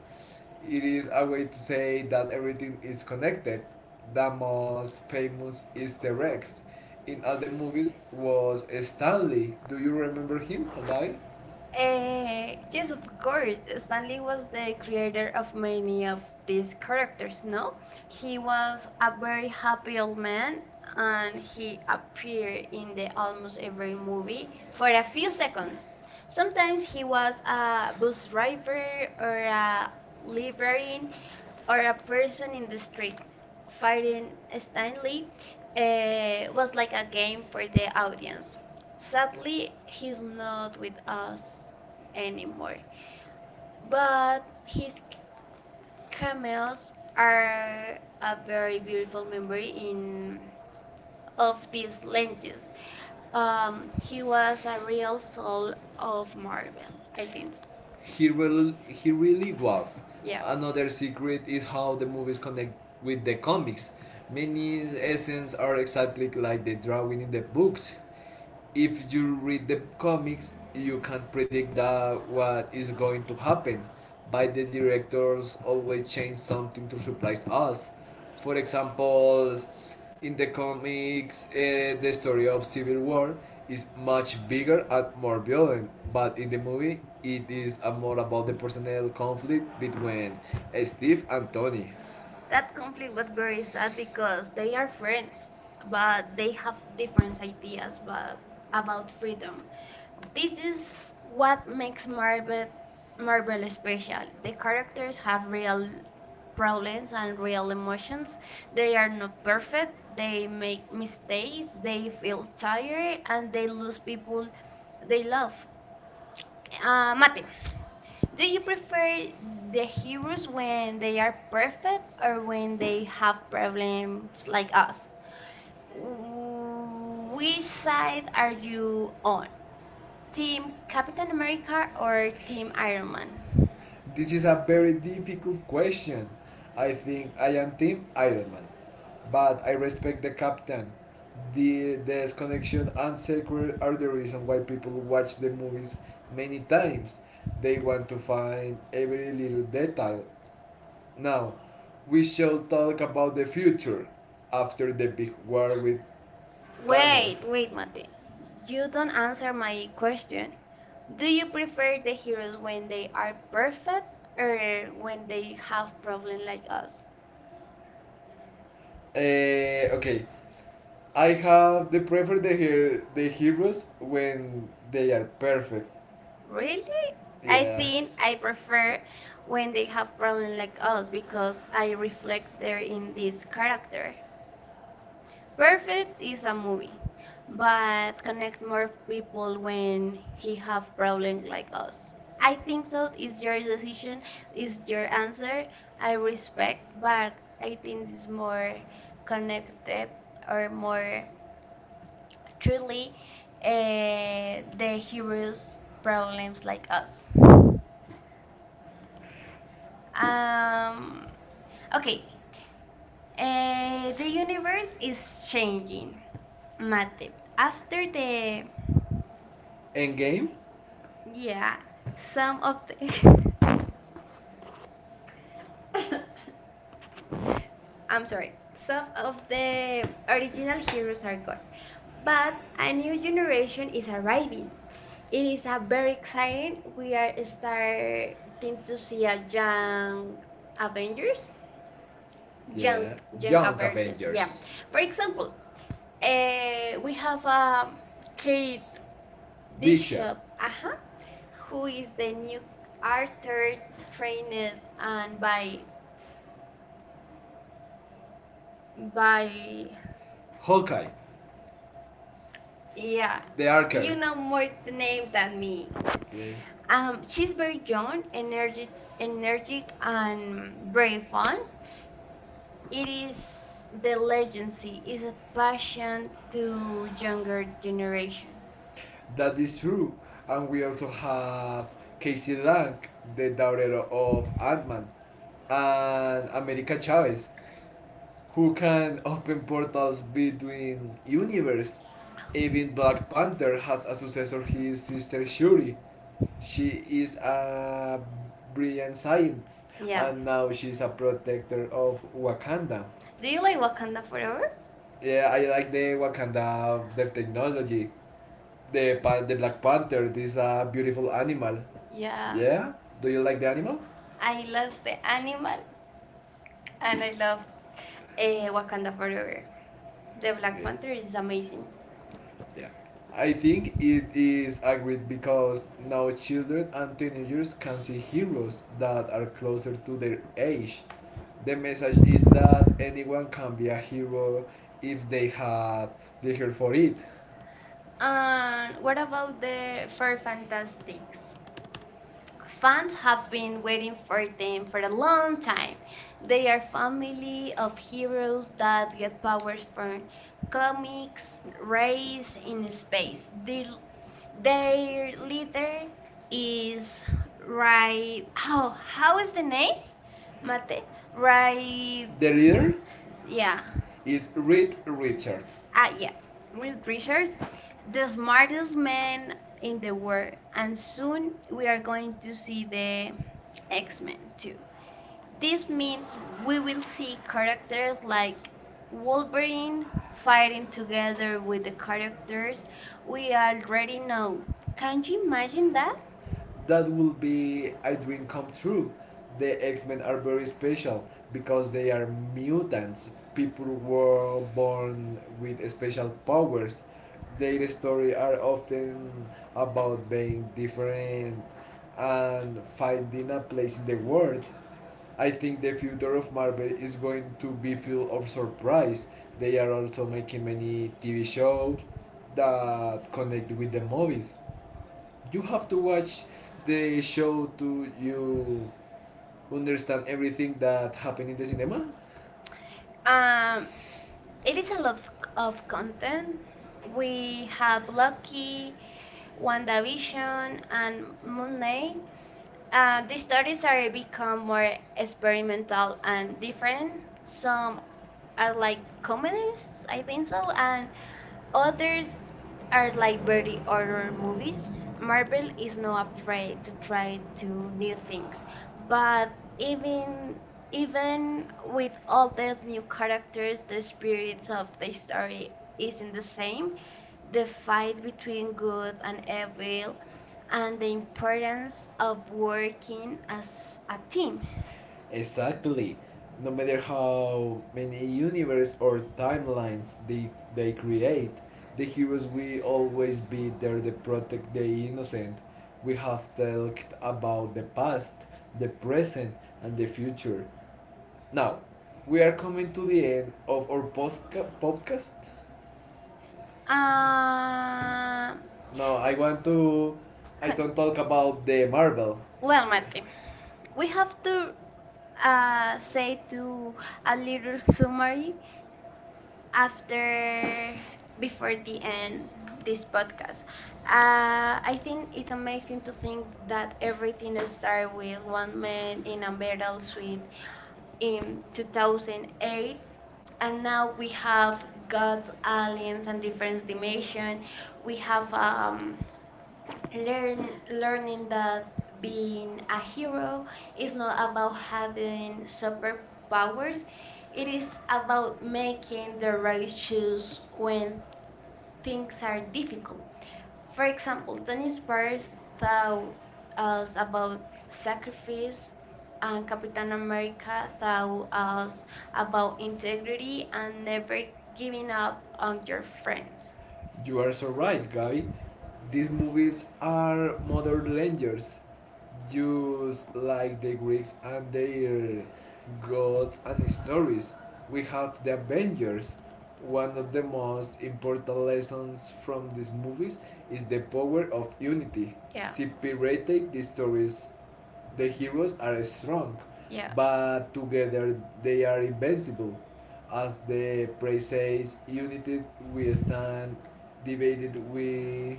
Speaker 2: It is a way to say that everything is connected. The most famous Easter eggs in all the movies was Stanley. Do you remember him, Hagaí? Uh,
Speaker 1: Yes,
Speaker 2: yes,
Speaker 1: of
Speaker 2: of
Speaker 1: course.
Speaker 2: course,
Speaker 1: Stanley was
Speaker 2: the
Speaker 1: the creator
Speaker 2: creator
Speaker 1: of
Speaker 2: of
Speaker 1: many
Speaker 2: many of
Speaker 1: of these
Speaker 2: these characters,
Speaker 1: characters, no?
Speaker 2: no?
Speaker 1: He
Speaker 2: He's
Speaker 1: was a
Speaker 2: a
Speaker 1: very happy
Speaker 2: real
Speaker 1: old man
Speaker 2: man and
Speaker 1: and
Speaker 2: he
Speaker 1: he
Speaker 2: appeared
Speaker 1: appeared in
Speaker 2: in the
Speaker 1: the almost
Speaker 2: almost every
Speaker 1: every
Speaker 2: movie
Speaker 1: movie
Speaker 2: for
Speaker 1: for a
Speaker 2: a few
Speaker 1: few
Speaker 2: seconds.
Speaker 1: seconds. Sometimes
Speaker 2: Sometimes
Speaker 1: he
Speaker 2: he was
Speaker 1: was a
Speaker 2: a
Speaker 1: bus
Speaker 2: bus
Speaker 1: driver
Speaker 2: driver or
Speaker 1: or a
Speaker 2: a library
Speaker 1: librarian, or a
Speaker 2: or
Speaker 1: person
Speaker 2: person in
Speaker 1: in
Speaker 2: the
Speaker 1: the
Speaker 2: street
Speaker 1: street.
Speaker 2: fighting
Speaker 1: Fighting Stanley
Speaker 2: Stanley and
Speaker 1: was like a game for the audience.
Speaker 2: Fabians.
Speaker 1: Sadly,
Speaker 2: Sadly, he's
Speaker 1: he's not
Speaker 2: not
Speaker 1: with
Speaker 2: with us
Speaker 1: us
Speaker 2: anymore.
Speaker 1: anymore,
Speaker 2: But
Speaker 1: but
Speaker 2: his
Speaker 1: his
Speaker 2: cats
Speaker 1: cameos
Speaker 2: are
Speaker 1: are
Speaker 2: a
Speaker 1: a very
Speaker 2: very beautiful
Speaker 1: beautiful memory
Speaker 2: memory in
Speaker 1: in
Speaker 2: all
Speaker 1: of
Speaker 2: his
Speaker 1: these
Speaker 2: languages.
Speaker 1: lenses.
Speaker 2: Um,
Speaker 1: He was a
Speaker 2: a real
Speaker 1: real soul of
Speaker 2: of Mark,
Speaker 1: Marvel,
Speaker 2: I
Speaker 1: I
Speaker 2: think.
Speaker 1: think.
Speaker 2: He really was. Yeah.
Speaker 1: Yeah.
Speaker 2: Another secret is how the movies connect with the comics. Many essence are exactly like the drawing in the books. If you read the comics, you can predict that what is going to happen. But the directors always change something to surprise us. For example, in the comics, the story of Civil War is much bigger and more violent, but in the movie, it is more about the personal conflict between Steve and Tony.
Speaker 1: That
Speaker 2: That
Speaker 1: conflict
Speaker 2: conflict
Speaker 1: was
Speaker 2: but
Speaker 1: very
Speaker 2: worries
Speaker 1: sad
Speaker 2: because
Speaker 1: because
Speaker 2: they
Speaker 1: they are
Speaker 2: are friends,
Speaker 1: friends, but
Speaker 2: but
Speaker 1: they
Speaker 2: they have
Speaker 1: have
Speaker 2: different
Speaker 1: different
Speaker 2: ideas
Speaker 1: ideas
Speaker 2: but
Speaker 1: but
Speaker 2: about
Speaker 1: about
Speaker 2: freedom.
Speaker 1: freedom.
Speaker 2: This
Speaker 1: This
Speaker 2: is
Speaker 1: is
Speaker 2: what
Speaker 1: what makes Marvel
Speaker 2: is special.
Speaker 1: special.
Speaker 2: They
Speaker 1: The characters have
Speaker 2: feel
Speaker 1: real
Speaker 2: problems
Speaker 1: problems
Speaker 2: and
Speaker 1: and
Speaker 2: real
Speaker 1: real
Speaker 2: emotions.
Speaker 1: emotions. They are not perfect.
Speaker 2: They
Speaker 1: They
Speaker 2: make
Speaker 1: make
Speaker 2: mistakes.
Speaker 1: mistakes. They
Speaker 2: They feel.
Speaker 1: feel tired and they lose people they
Speaker 2: They love
Speaker 1: love. Mate, do you prefer
Speaker 2: the
Speaker 1: the
Speaker 2: heroes
Speaker 1: heroes
Speaker 2: when
Speaker 1: when they
Speaker 2: they
Speaker 1: are
Speaker 2: are
Speaker 1: perfect or
Speaker 2: when
Speaker 1: when they
Speaker 2: they
Speaker 1: have
Speaker 2: have problems
Speaker 1: problems like
Speaker 2: like
Speaker 1: us?
Speaker 2: we
Speaker 1: Which
Speaker 2: saw
Speaker 1: side are
Speaker 2: you
Speaker 1: you
Speaker 2: on
Speaker 1: on?
Speaker 2: team
Speaker 1: Team Captain
Speaker 2: Captain America
Speaker 1: America or
Speaker 2: team.
Speaker 1: Team Iron Man?
Speaker 2: One. This is a very difficult question. I think I am Team Iron Man, but I respect the captain. The disconnection and secret are the reason why people watch the movies many times. They want to find every little detail. Now, we shall talk about the future after the big war with Thanos.
Speaker 1: Wait,
Speaker 2: Wait,
Speaker 1: wait,
Speaker 2: wait.
Speaker 1: Mate.
Speaker 2: You
Speaker 1: You don't answer my question. Do
Speaker 2: do
Speaker 1: you
Speaker 2: you
Speaker 1: prefer
Speaker 2: the
Speaker 1: the
Speaker 2: heroes
Speaker 1: heroes
Speaker 2: when
Speaker 1: when
Speaker 2: they
Speaker 1: they
Speaker 2: are
Speaker 1: are perfect or
Speaker 2: when
Speaker 1: when they
Speaker 2: they have
Speaker 1: have
Speaker 2: problems
Speaker 1: problems
Speaker 2: like
Speaker 1: like
Speaker 2: us.
Speaker 1: us?
Speaker 2: Okay, I have the prefer the the heroes when they are perfect.
Speaker 1: Really?
Speaker 2: Really? I
Speaker 1: I
Speaker 2: Yeah. Think
Speaker 1: think I prefer
Speaker 2: when
Speaker 1: when
Speaker 2: they
Speaker 1: they
Speaker 2: have
Speaker 1: have
Speaker 2: problem
Speaker 1: problems
Speaker 2: like
Speaker 1: like us because I reflect there
Speaker 2: they're in
Speaker 1: in this
Speaker 2: this car.
Speaker 1: character.
Speaker 2: First
Speaker 1: Perfect
Speaker 2: it's
Speaker 1: is
Speaker 2: a
Speaker 1: a
Speaker 2: movie.
Speaker 1: movie,
Speaker 2: But
Speaker 1: but connect more people when
Speaker 2: when he
Speaker 1: he
Speaker 2: have
Speaker 1: have problems
Speaker 2: problem like
Speaker 1: like
Speaker 2: us,
Speaker 1: us. I
Speaker 2: I
Speaker 1: think so.
Speaker 2: is
Speaker 1: It's
Speaker 2: your
Speaker 1: your
Speaker 2: decision
Speaker 1: decision.
Speaker 2: is
Speaker 1: It's
Speaker 2: your
Speaker 1: your answer.
Speaker 2: I
Speaker 1: I
Speaker 2: respect
Speaker 1: respect,
Speaker 2: but
Speaker 1: but I
Speaker 2: I think
Speaker 1: think it's
Speaker 2: it's more
Speaker 1: more
Speaker 2: connected
Speaker 1: connected or more truly
Speaker 2: uh,
Speaker 1: the
Speaker 2: the heroes
Speaker 1: heroes'
Speaker 2: problems
Speaker 1: problems like
Speaker 2: like us.
Speaker 1: us.
Speaker 2: Um
Speaker 1: Um, Okay,
Speaker 2: The
Speaker 1: the
Speaker 2: universe
Speaker 1: universe is
Speaker 2: is changing,
Speaker 1: changing,
Speaker 2: Mate.
Speaker 1: Mate.
Speaker 2: After
Speaker 1: After the
Speaker 2: the Endgame? Yeah,
Speaker 1: yeah, some
Speaker 2: some
Speaker 1: of
Speaker 2: of
Speaker 1: the
Speaker 2: the
Speaker 1: [laughs]
Speaker 2: [laughs] I'm
Speaker 1: I'm
Speaker 2: sorry,
Speaker 1: sorry,
Speaker 2: some
Speaker 1: some
Speaker 2: of
Speaker 1: of
Speaker 2: the
Speaker 1: the original
Speaker 2: original
Speaker 1: heroes
Speaker 2: heroes are
Speaker 1: are
Speaker 2: gone,
Speaker 1: gone, but
Speaker 2: but
Speaker 1: a
Speaker 2: a
Speaker 1: new
Speaker 2: new
Speaker 1: generation
Speaker 2: generation
Speaker 1: is
Speaker 2: is
Speaker 1: arriving.
Speaker 2: arriving. It
Speaker 1: It
Speaker 2: is
Speaker 1: is
Speaker 2: a
Speaker 1: a very
Speaker 2: very
Speaker 1: exciting.
Speaker 2: exciting.
Speaker 1: We
Speaker 2: We
Speaker 1: are
Speaker 2: are starting
Speaker 1: starting to
Speaker 2: to
Speaker 1: see
Speaker 2: see
Speaker 1: a
Speaker 2: a young
Speaker 1: young
Speaker 2: Avengers.
Speaker 1: Avengers,
Speaker 2: Yeah.
Speaker 1: young young Young
Speaker 2: Young Avengers.
Speaker 1: Avengers. Yeah, Avengers.
Speaker 2: Avengers. Yeah. For
Speaker 1: For example,
Speaker 2: example,
Speaker 1: we
Speaker 2: we have
Speaker 1: have Kate Bishop.
Speaker 2: Bishop.
Speaker 1: Bishop.
Speaker 2: Bishop.
Speaker 1: Uh-huh. Who
Speaker 2: Who is
Speaker 1: is
Speaker 2: the
Speaker 1: the
Speaker 2: new
Speaker 1: new
Speaker 2: actor
Speaker 1: Arthur
Speaker 2: trained
Speaker 1: trained
Speaker 2: and
Speaker 1: and
Speaker 2: by
Speaker 1: by
Speaker 2: Hawkeye,
Speaker 1: yeah,
Speaker 2: yeah. The archer.
Speaker 1: you
Speaker 2: You know
Speaker 1: know more
Speaker 2: more
Speaker 1: the names than
Speaker 2: than me.
Speaker 1: me.
Speaker 2: Okay. She's
Speaker 1: She's
Speaker 2: very
Speaker 1: very young,
Speaker 2: known
Speaker 1: energetic,
Speaker 2: and nerd
Speaker 1: energetic,
Speaker 2: and
Speaker 1: and very
Speaker 2: very.
Speaker 1: fun. It
Speaker 2: It's
Speaker 1: is
Speaker 2: the
Speaker 1: the
Speaker 2: legacy
Speaker 1: legacy
Speaker 2: is
Speaker 1: is a
Speaker 2: fun
Speaker 1: passion
Speaker 2: to
Speaker 1: to younger
Speaker 2: younger generation.
Speaker 1: generation.
Speaker 2: That is true. And we also have Casey Lang, the daughter of Ant-Man, and America Chavez, who can open portals between universes? Even Black Panther has a successor, his sister Shuri. She is a brilliant scientist,
Speaker 1: Yeah.
Speaker 2: yeah, and now she's a protector of Wakanda.
Speaker 1: Do you like Wakanda Forever?
Speaker 2: Yeah, I like the Wakanda, the technology, the pan, the Black Panther. This is a beautiful animal. Yeah.
Speaker 1: Yeah.
Speaker 2: Yeah, do you like the animal?
Speaker 1: I
Speaker 2: I love
Speaker 1: love the animal and I love Eh, Wakanda
Speaker 2: Wakanda Forever.
Speaker 1: Forever. The
Speaker 2: The
Speaker 1: Black Panther
Speaker 2: Panther
Speaker 1: is
Speaker 2: is amazing.
Speaker 1: amazing.
Speaker 2: Yeah, I think it is agreed because now children and teenagers can see heroes that are closer to their age. The message is that anyone can be a hero if they have the heart for it.
Speaker 1: And
Speaker 2: And what
Speaker 1: what about the Four
Speaker 2: fantastic!
Speaker 1: Fantastics? Fans
Speaker 2: Fans
Speaker 1: have
Speaker 2: have
Speaker 1: been
Speaker 2: been
Speaker 1: waiting for them
Speaker 2: waiting
Speaker 1: for
Speaker 2: for
Speaker 1: a
Speaker 2: a
Speaker 1: long
Speaker 2: long
Speaker 1: time.
Speaker 2: time.
Speaker 1: They
Speaker 2: They
Speaker 1: are family of heroes that get powers
Speaker 2: for
Speaker 1: from comics raised in
Speaker 2: in space.
Speaker 1: space.
Speaker 2: The,
Speaker 1: Their
Speaker 2: their leader
Speaker 1: leader is
Speaker 2: is
Speaker 1: right.
Speaker 2: Ray
Speaker 1: Oh, how is the name?
Speaker 2: Mate.
Speaker 1: Mate? Right.
Speaker 2: The leader yeah.
Speaker 1: Yeah.
Speaker 2: Is Reed Richards.
Speaker 1: Ah, yeah.
Speaker 2: Reed
Speaker 1: Real
Speaker 2: Richards,
Speaker 1: Richards,
Speaker 2: the
Speaker 1: the smartest
Speaker 2: last man
Speaker 1: man in
Speaker 2: in
Speaker 1: the
Speaker 2: the world,
Speaker 1: world,
Speaker 2: and
Speaker 1: and soon
Speaker 2: soon
Speaker 1: we are
Speaker 2: we're
Speaker 1: going
Speaker 2: going
Speaker 1: to
Speaker 2: to
Speaker 1: see
Speaker 2: see the
Speaker 1: the X
Speaker 2: X-Men
Speaker 1: Men too.
Speaker 2: too.
Speaker 1: This
Speaker 2: This means
Speaker 1: means
Speaker 2: we
Speaker 1: we will
Speaker 2: will see
Speaker 1: see characters like
Speaker 2: Wolverine
Speaker 1: Wolverine
Speaker 2: fighting
Speaker 1: fighting
Speaker 2: together
Speaker 1: together
Speaker 2: with
Speaker 1: with the
Speaker 2: the characters
Speaker 1: characters
Speaker 2: we
Speaker 1: we already
Speaker 2: know.
Speaker 1: know. Can
Speaker 2: Can you
Speaker 1: you imagine
Speaker 2: imagine
Speaker 1: that?
Speaker 2: that? That will be a dream come true. The X Men are very special because they are mutants. People were born with special powers. Their story are often about being different and finding a place in the world. I think the future of Marvel is going to be filled of surprise. They are also making many TV shows that connect with the movies you have to watch the show to you understand everything that happened in the cinema. Um,
Speaker 1: Um,
Speaker 2: it
Speaker 1: it is
Speaker 2: is
Speaker 1: a lot
Speaker 2: a
Speaker 1: of
Speaker 2: content
Speaker 1: content.
Speaker 2: we
Speaker 1: We have Loki,
Speaker 2: want
Speaker 1: WandaVision, and
Speaker 2: and
Speaker 1: Moon
Speaker 2: made
Speaker 1: Knight. The stories are become more experimental
Speaker 2: experimental and
Speaker 1: and
Speaker 2: different.
Speaker 1: different.
Speaker 2: Some
Speaker 1: Some are
Speaker 2: are
Speaker 1: like
Speaker 2: comedies
Speaker 1: comedies, I
Speaker 2: and
Speaker 1: think so, and
Speaker 2: others
Speaker 1: others are
Speaker 2: are like
Speaker 1: like
Speaker 2: very
Speaker 1: very
Speaker 2: horror
Speaker 1: horror
Speaker 2: movies.
Speaker 1: movies. Marvel
Speaker 2: Marvel
Speaker 1: is
Speaker 2: is not
Speaker 1: not
Speaker 2: afraid
Speaker 1: afraid
Speaker 2: to
Speaker 1: to
Speaker 2: try
Speaker 1: try
Speaker 2: to
Speaker 1: to
Speaker 2: new
Speaker 1: new
Speaker 2: things,
Speaker 1: things, but
Speaker 2: but even
Speaker 1: even
Speaker 2: even
Speaker 1: even with
Speaker 2: with
Speaker 1: all these new characters, the
Speaker 2: spirit
Speaker 1: spirits of the
Speaker 2: the story
Speaker 1: story
Speaker 2: is
Speaker 1: isn't
Speaker 2: not the
Speaker 1: the same.
Speaker 2: same
Speaker 1: The
Speaker 2: fight
Speaker 1: fight between
Speaker 2: between
Speaker 1: good
Speaker 2: good
Speaker 1: and
Speaker 2: and evil
Speaker 1: evil and
Speaker 2: and the
Speaker 1: the
Speaker 2: importance
Speaker 1: importance
Speaker 2: of
Speaker 1: of
Speaker 2: working
Speaker 1: working
Speaker 2: as
Speaker 1: as a
Speaker 2: a
Speaker 1: team.
Speaker 2: team. Exactly. No matter how many universes or timelines they create, the heroes will always be there to protect the innocent. We have talked about the past, the present, and the future. Now, we are coming to the end of our podcast.
Speaker 1: Um,
Speaker 2: No, I want to. I
Speaker 1: con-
Speaker 2: don't talk about the Marvel.
Speaker 1: well, Mate,
Speaker 2: We
Speaker 1: we have to say to a little
Speaker 2: sorry
Speaker 1: summary after before
Speaker 2: after the
Speaker 1: the
Speaker 2: end
Speaker 1: end
Speaker 2: this
Speaker 1: this
Speaker 2: part.
Speaker 1: podcast.
Speaker 2: I
Speaker 1: I think it's amazing
Speaker 2: think
Speaker 1: to think
Speaker 2: that
Speaker 1: that
Speaker 2: we're
Speaker 1: everything
Speaker 2: everything
Speaker 1: started
Speaker 2: start with
Speaker 1: with one
Speaker 2: one
Speaker 1: man
Speaker 2: man in
Speaker 1: in a
Speaker 2: a
Speaker 1: metal
Speaker 2: metal suit
Speaker 1: suite
Speaker 2: in
Speaker 1: in 2008
Speaker 2: 2008,
Speaker 1: and
Speaker 2: and now
Speaker 1: now we
Speaker 2: we
Speaker 1: have
Speaker 2: have
Speaker 1: gods,
Speaker 2: God's Alien
Speaker 1: aliens, and different
Speaker 2: Friends
Speaker 1: dimension.
Speaker 2: Division.
Speaker 1: We
Speaker 2: We
Speaker 1: have
Speaker 2: um learn,
Speaker 1: learn
Speaker 2: learning
Speaker 1: learning that
Speaker 2: that being
Speaker 1: being a
Speaker 2: a
Speaker 1: hero
Speaker 2: hero
Speaker 1: is
Speaker 2: is
Speaker 1: not about having
Speaker 2: having
Speaker 1: superpowers.
Speaker 2: powers.
Speaker 1: It
Speaker 2: It
Speaker 1: is
Speaker 2: is about
Speaker 1: about making
Speaker 2: making
Speaker 1: the
Speaker 2: the
Speaker 1: right
Speaker 2: right
Speaker 1: choice
Speaker 2: choice
Speaker 1: when
Speaker 2: when
Speaker 1: things
Speaker 2: things
Speaker 1: are
Speaker 2: are
Speaker 1: difficult.
Speaker 2: difficult.
Speaker 1: For
Speaker 2: For
Speaker 1: example,
Speaker 2: example, that
Speaker 1: Tony inspires
Speaker 2: inspires thou
Speaker 1: thought us
Speaker 2: us
Speaker 1: about
Speaker 2: about
Speaker 1: sacrifice,
Speaker 2: sacrifice
Speaker 1: and
Speaker 2: and
Speaker 1: Captain
Speaker 2: Captain
Speaker 1: America
Speaker 2: America thou
Speaker 1: thought us
Speaker 2: us
Speaker 1: about
Speaker 2: about
Speaker 1: integrity
Speaker 2: integrity
Speaker 1: and
Speaker 2: and
Speaker 1: never
Speaker 2: never
Speaker 1: giving
Speaker 2: giving
Speaker 1: up
Speaker 2: up
Speaker 1: on
Speaker 2: on
Speaker 1: your
Speaker 2: your friends.
Speaker 1: friends.
Speaker 2: You are so right, Gabi. These movies are modern legends, just like the Greeks and their gods and stories. We have the Avengers. One of the most important lessons from these movies is the power of unity. Yeah.
Speaker 1: Yeah,
Speaker 2: Separated the stories, the heroes are strong, yeah,
Speaker 1: yeah.
Speaker 2: but together they are invincible. As the praise says, united we stand, divided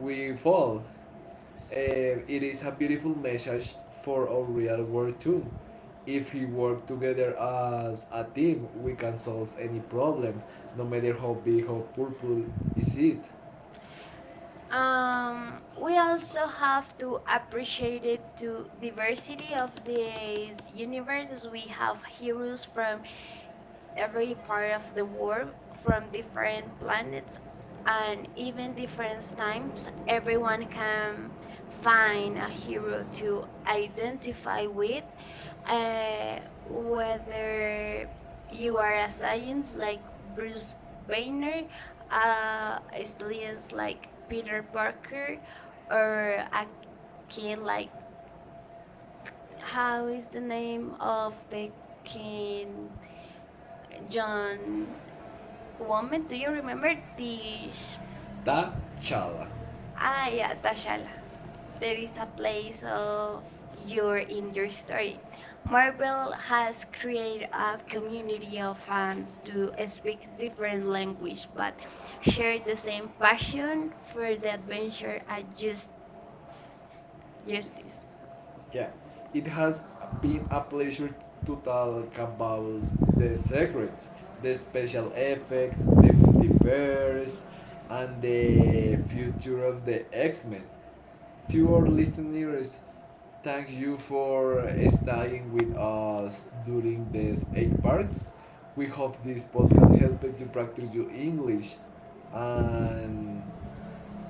Speaker 2: we fall. It is a beautiful message for our real world too. If we work together as a team, we can solve any problem, no matter how big or purple is it. Um, we
Speaker 1: We also have to appreciate it
Speaker 2: to
Speaker 1: to
Speaker 2: diversity
Speaker 1: diversity
Speaker 2: of
Speaker 1: of
Speaker 2: these
Speaker 1: this
Speaker 2: unique
Speaker 1: universe. We have
Speaker 2: heroes
Speaker 1: heroes
Speaker 2: from
Speaker 1: from every part of
Speaker 2: of the
Speaker 1: the
Speaker 2: world,
Speaker 1: world
Speaker 2: from
Speaker 1: from
Speaker 2: different
Speaker 1: different planets
Speaker 2: planets
Speaker 1: and
Speaker 2: and
Speaker 1: even
Speaker 2: even different
Speaker 1: different times.
Speaker 2: times. Everyone
Speaker 1: Everyone
Speaker 2: can
Speaker 1: can
Speaker 2: find
Speaker 1: find a
Speaker 2: a
Speaker 1: hero
Speaker 2: hero to
Speaker 1: to
Speaker 2: ally
Speaker 1: identify
Speaker 2: with,
Speaker 1: with,
Speaker 2: uh,
Speaker 1: uh,
Speaker 2: whether
Speaker 1: whether you are a
Speaker 2: aliens
Speaker 1: science
Speaker 2: like
Speaker 1: like
Speaker 2: Bruce
Speaker 1: Bruce
Speaker 2: Banner,
Speaker 1: Banner, a
Speaker 2: uh,
Speaker 1: student
Speaker 2: aliens like
Speaker 1: like Peter
Speaker 2: Peter,
Speaker 1: Parker,
Speaker 2: or
Speaker 1: or a kid
Speaker 2: King like
Speaker 1: like how
Speaker 2: what's
Speaker 1: is the
Speaker 2: the name
Speaker 1: name
Speaker 2: of
Speaker 1: of
Speaker 2: the
Speaker 1: the
Speaker 2: king
Speaker 1: King
Speaker 2: John
Speaker 1: John Woman,
Speaker 2: Woman, do
Speaker 1: do you
Speaker 2: you
Speaker 1: remember Tish?
Speaker 2: the T'Challa.
Speaker 1: Ah, yeah,
Speaker 2: Achala?
Speaker 1: Tashala. There
Speaker 2: There
Speaker 1: is
Speaker 2: is
Speaker 1: a
Speaker 2: a
Speaker 1: place
Speaker 2: place of
Speaker 1: of your
Speaker 2: your in
Speaker 1: in
Speaker 2: your
Speaker 1: your
Speaker 2: story.
Speaker 1: story. Marvel
Speaker 2: Marvel has
Speaker 1: has
Speaker 2: created
Speaker 1: created
Speaker 2: a
Speaker 1: a
Speaker 2: community
Speaker 1: community
Speaker 2: of
Speaker 1: of
Speaker 2: fans
Speaker 1: fans
Speaker 2: to
Speaker 1: to
Speaker 2: speak
Speaker 1: speak different
Speaker 2: different language,
Speaker 1: language
Speaker 2: but
Speaker 1: but share
Speaker 2: the
Speaker 1: the
Speaker 2: same
Speaker 1: same passion
Speaker 2: passion for
Speaker 1: for
Speaker 2: the
Speaker 1: the
Speaker 2: adventure
Speaker 1: adventure
Speaker 2: and
Speaker 1: and
Speaker 2: just justice.
Speaker 1: justice.
Speaker 2: Yeah, it has been a pleasure to talk about the secrets, the special effects, Bears and the future of the X-Men. To our listeners, thank you for staying with us during these eight parts. We hope this podcast helped you practice your English and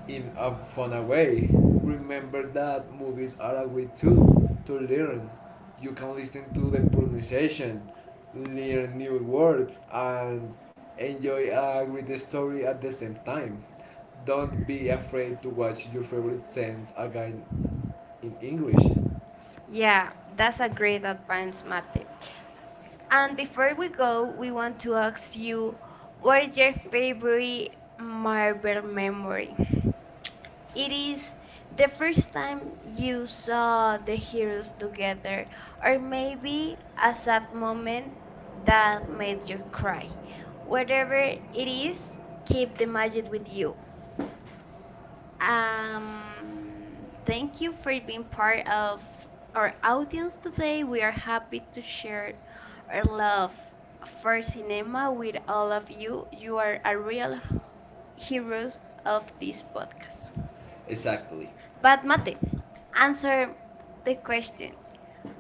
Speaker 2: in a fun way. Remember that movies are a way too to learn. You can listen to the pronunciation, learn new words, and enjoy a great story at the same time. Don't be afraid to watch your favorite scenes again in English. Yeah,
Speaker 1: Yeah, that's a great
Speaker 2: friends
Speaker 1: advance,
Speaker 2: matter.
Speaker 1: Mate. And
Speaker 2: And
Speaker 1: before we go, we want to ask you, what
Speaker 2: what
Speaker 1: is your favorite Marvel memory?
Speaker 2: memory?
Speaker 1: It
Speaker 2: It is
Speaker 1: is
Speaker 2: the
Speaker 1: the first
Speaker 2: time
Speaker 1: time
Speaker 2: you
Speaker 1: you saw the heroes
Speaker 2: used to
Speaker 1: together, or
Speaker 2: cry,
Speaker 1: maybe a sad moment
Speaker 2: and
Speaker 1: that
Speaker 2: that made
Speaker 1: made
Speaker 2: you
Speaker 1: you
Speaker 2: cry.
Speaker 1: cry. Whatever
Speaker 2: It
Speaker 1: it
Speaker 2: is
Speaker 1: is, keep
Speaker 2: keep
Speaker 1: the magic with
Speaker 2: with you.
Speaker 1: you.
Speaker 2: Um, thank
Speaker 1: Thank
Speaker 2: you
Speaker 1: you for being part
Speaker 2: of
Speaker 1: of our
Speaker 2: or,
Speaker 1: audience today. We are happy to share our
Speaker 2: of
Speaker 1: love for
Speaker 2: for
Speaker 1: cinema
Speaker 2: cinema
Speaker 1: with all of you. You are a real heroes of
Speaker 2: of
Speaker 1: this
Speaker 2: this podcast.
Speaker 1: podcast.
Speaker 2: Exactly.
Speaker 1: But Mate, answer the
Speaker 2: Thank
Speaker 1: question.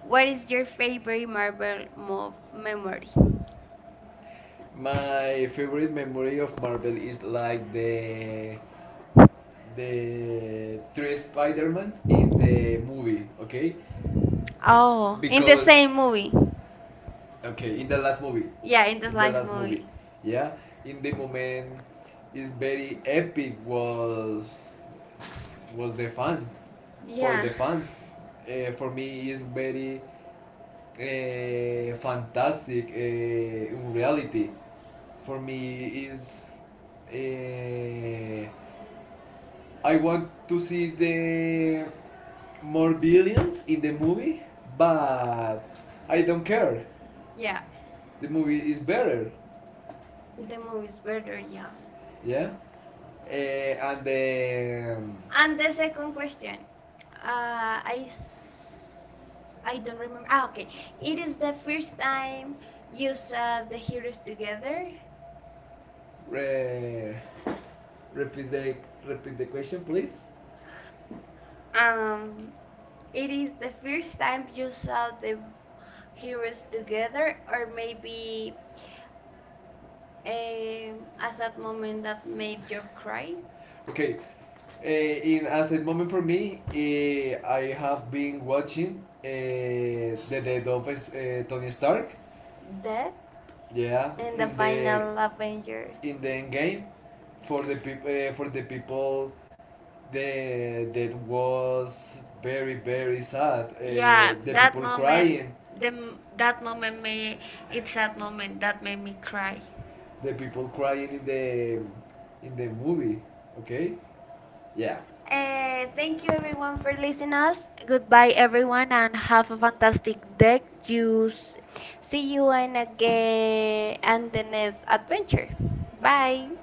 Speaker 1: What is your favorite Marvel mo memory?
Speaker 2: My favorite memory of Marvel is like the three Spider-Mans in the movie, okay?
Speaker 1: Oh, in the same movie.
Speaker 2: Okay, in the last movie.
Speaker 1: Yeah,
Speaker 2: Yeah,
Speaker 1: in
Speaker 2: the
Speaker 1: the last
Speaker 2: last movie.
Speaker 1: movie.
Speaker 2: Movie. Yeah, in the moment, is very epic. Was the fans for yeah
Speaker 1: Yeah.
Speaker 2: the fans. For me, is very fantastic. In reality, for me is uh, I want to see the more billions in the movie, but I don't care. Yeah.
Speaker 1: Yeah,
Speaker 2: The movie is better. The
Speaker 1: the movie is
Speaker 2: movie's
Speaker 1: better,
Speaker 2: better,
Speaker 1: yeah.
Speaker 2: yeah. Yeah. Uh, and the and
Speaker 1: And
Speaker 2: the
Speaker 1: the second
Speaker 2: second
Speaker 1: question,
Speaker 2: question. I
Speaker 1: I
Speaker 2: don't
Speaker 1: don't
Speaker 2: remember.
Speaker 1: remember. Ah,
Speaker 2: Ah, okay.
Speaker 1: okay.
Speaker 2: It
Speaker 1: It
Speaker 2: is
Speaker 1: is the
Speaker 2: the
Speaker 1: first time
Speaker 2: time you
Speaker 1: you
Speaker 2: saw
Speaker 1: saw the
Speaker 2: us
Speaker 1: heroes
Speaker 2: together.
Speaker 1: together.
Speaker 2: re- repeat the repeat the question, please. Um,
Speaker 1: Um,
Speaker 2: it
Speaker 1: it is
Speaker 2: is the
Speaker 1: the first
Speaker 2: first time
Speaker 1: time you saw
Speaker 2: of the
Speaker 1: the
Speaker 2: heroes
Speaker 1: heroes together,
Speaker 2: together,
Speaker 1: or
Speaker 2: or
Speaker 1: maybe
Speaker 2: maybe um, a
Speaker 1: As
Speaker 2: sad
Speaker 1: that
Speaker 2: moment
Speaker 1: moment
Speaker 2: that
Speaker 1: that
Speaker 2: made
Speaker 1: made
Speaker 2: you
Speaker 1: you
Speaker 2: cry.
Speaker 1: cry?
Speaker 2: Okay, in as a moment for me, I have been watching the Death of Tony Stark. That
Speaker 1: Dead
Speaker 2: yeah, in
Speaker 1: in
Speaker 2: the
Speaker 1: the
Speaker 2: in final
Speaker 1: final
Speaker 2: the Avengers.
Speaker 1: Avengers.
Speaker 2: In the end game, for the for the people, the that was very sad,
Speaker 1: Yeah,
Speaker 2: yeah.
Speaker 1: that moment,
Speaker 2: Crying. The,
Speaker 1: that
Speaker 2: that moment,
Speaker 1: moment may it's
Speaker 2: it,
Speaker 1: that moment that
Speaker 2: that
Speaker 1: made
Speaker 2: made
Speaker 1: me
Speaker 2: me cry.
Speaker 1: cry.
Speaker 2: The people crying in the movie. Okay. Yeah.
Speaker 1: Thank
Speaker 2: Thank
Speaker 1: you
Speaker 2: you
Speaker 1: everyone
Speaker 2: everyone
Speaker 1: for
Speaker 2: for listening.
Speaker 1: listening us. Goodbye everyone and have a fantastic day. See you in again and the
Speaker 2: And
Speaker 1: next adventure. Bye.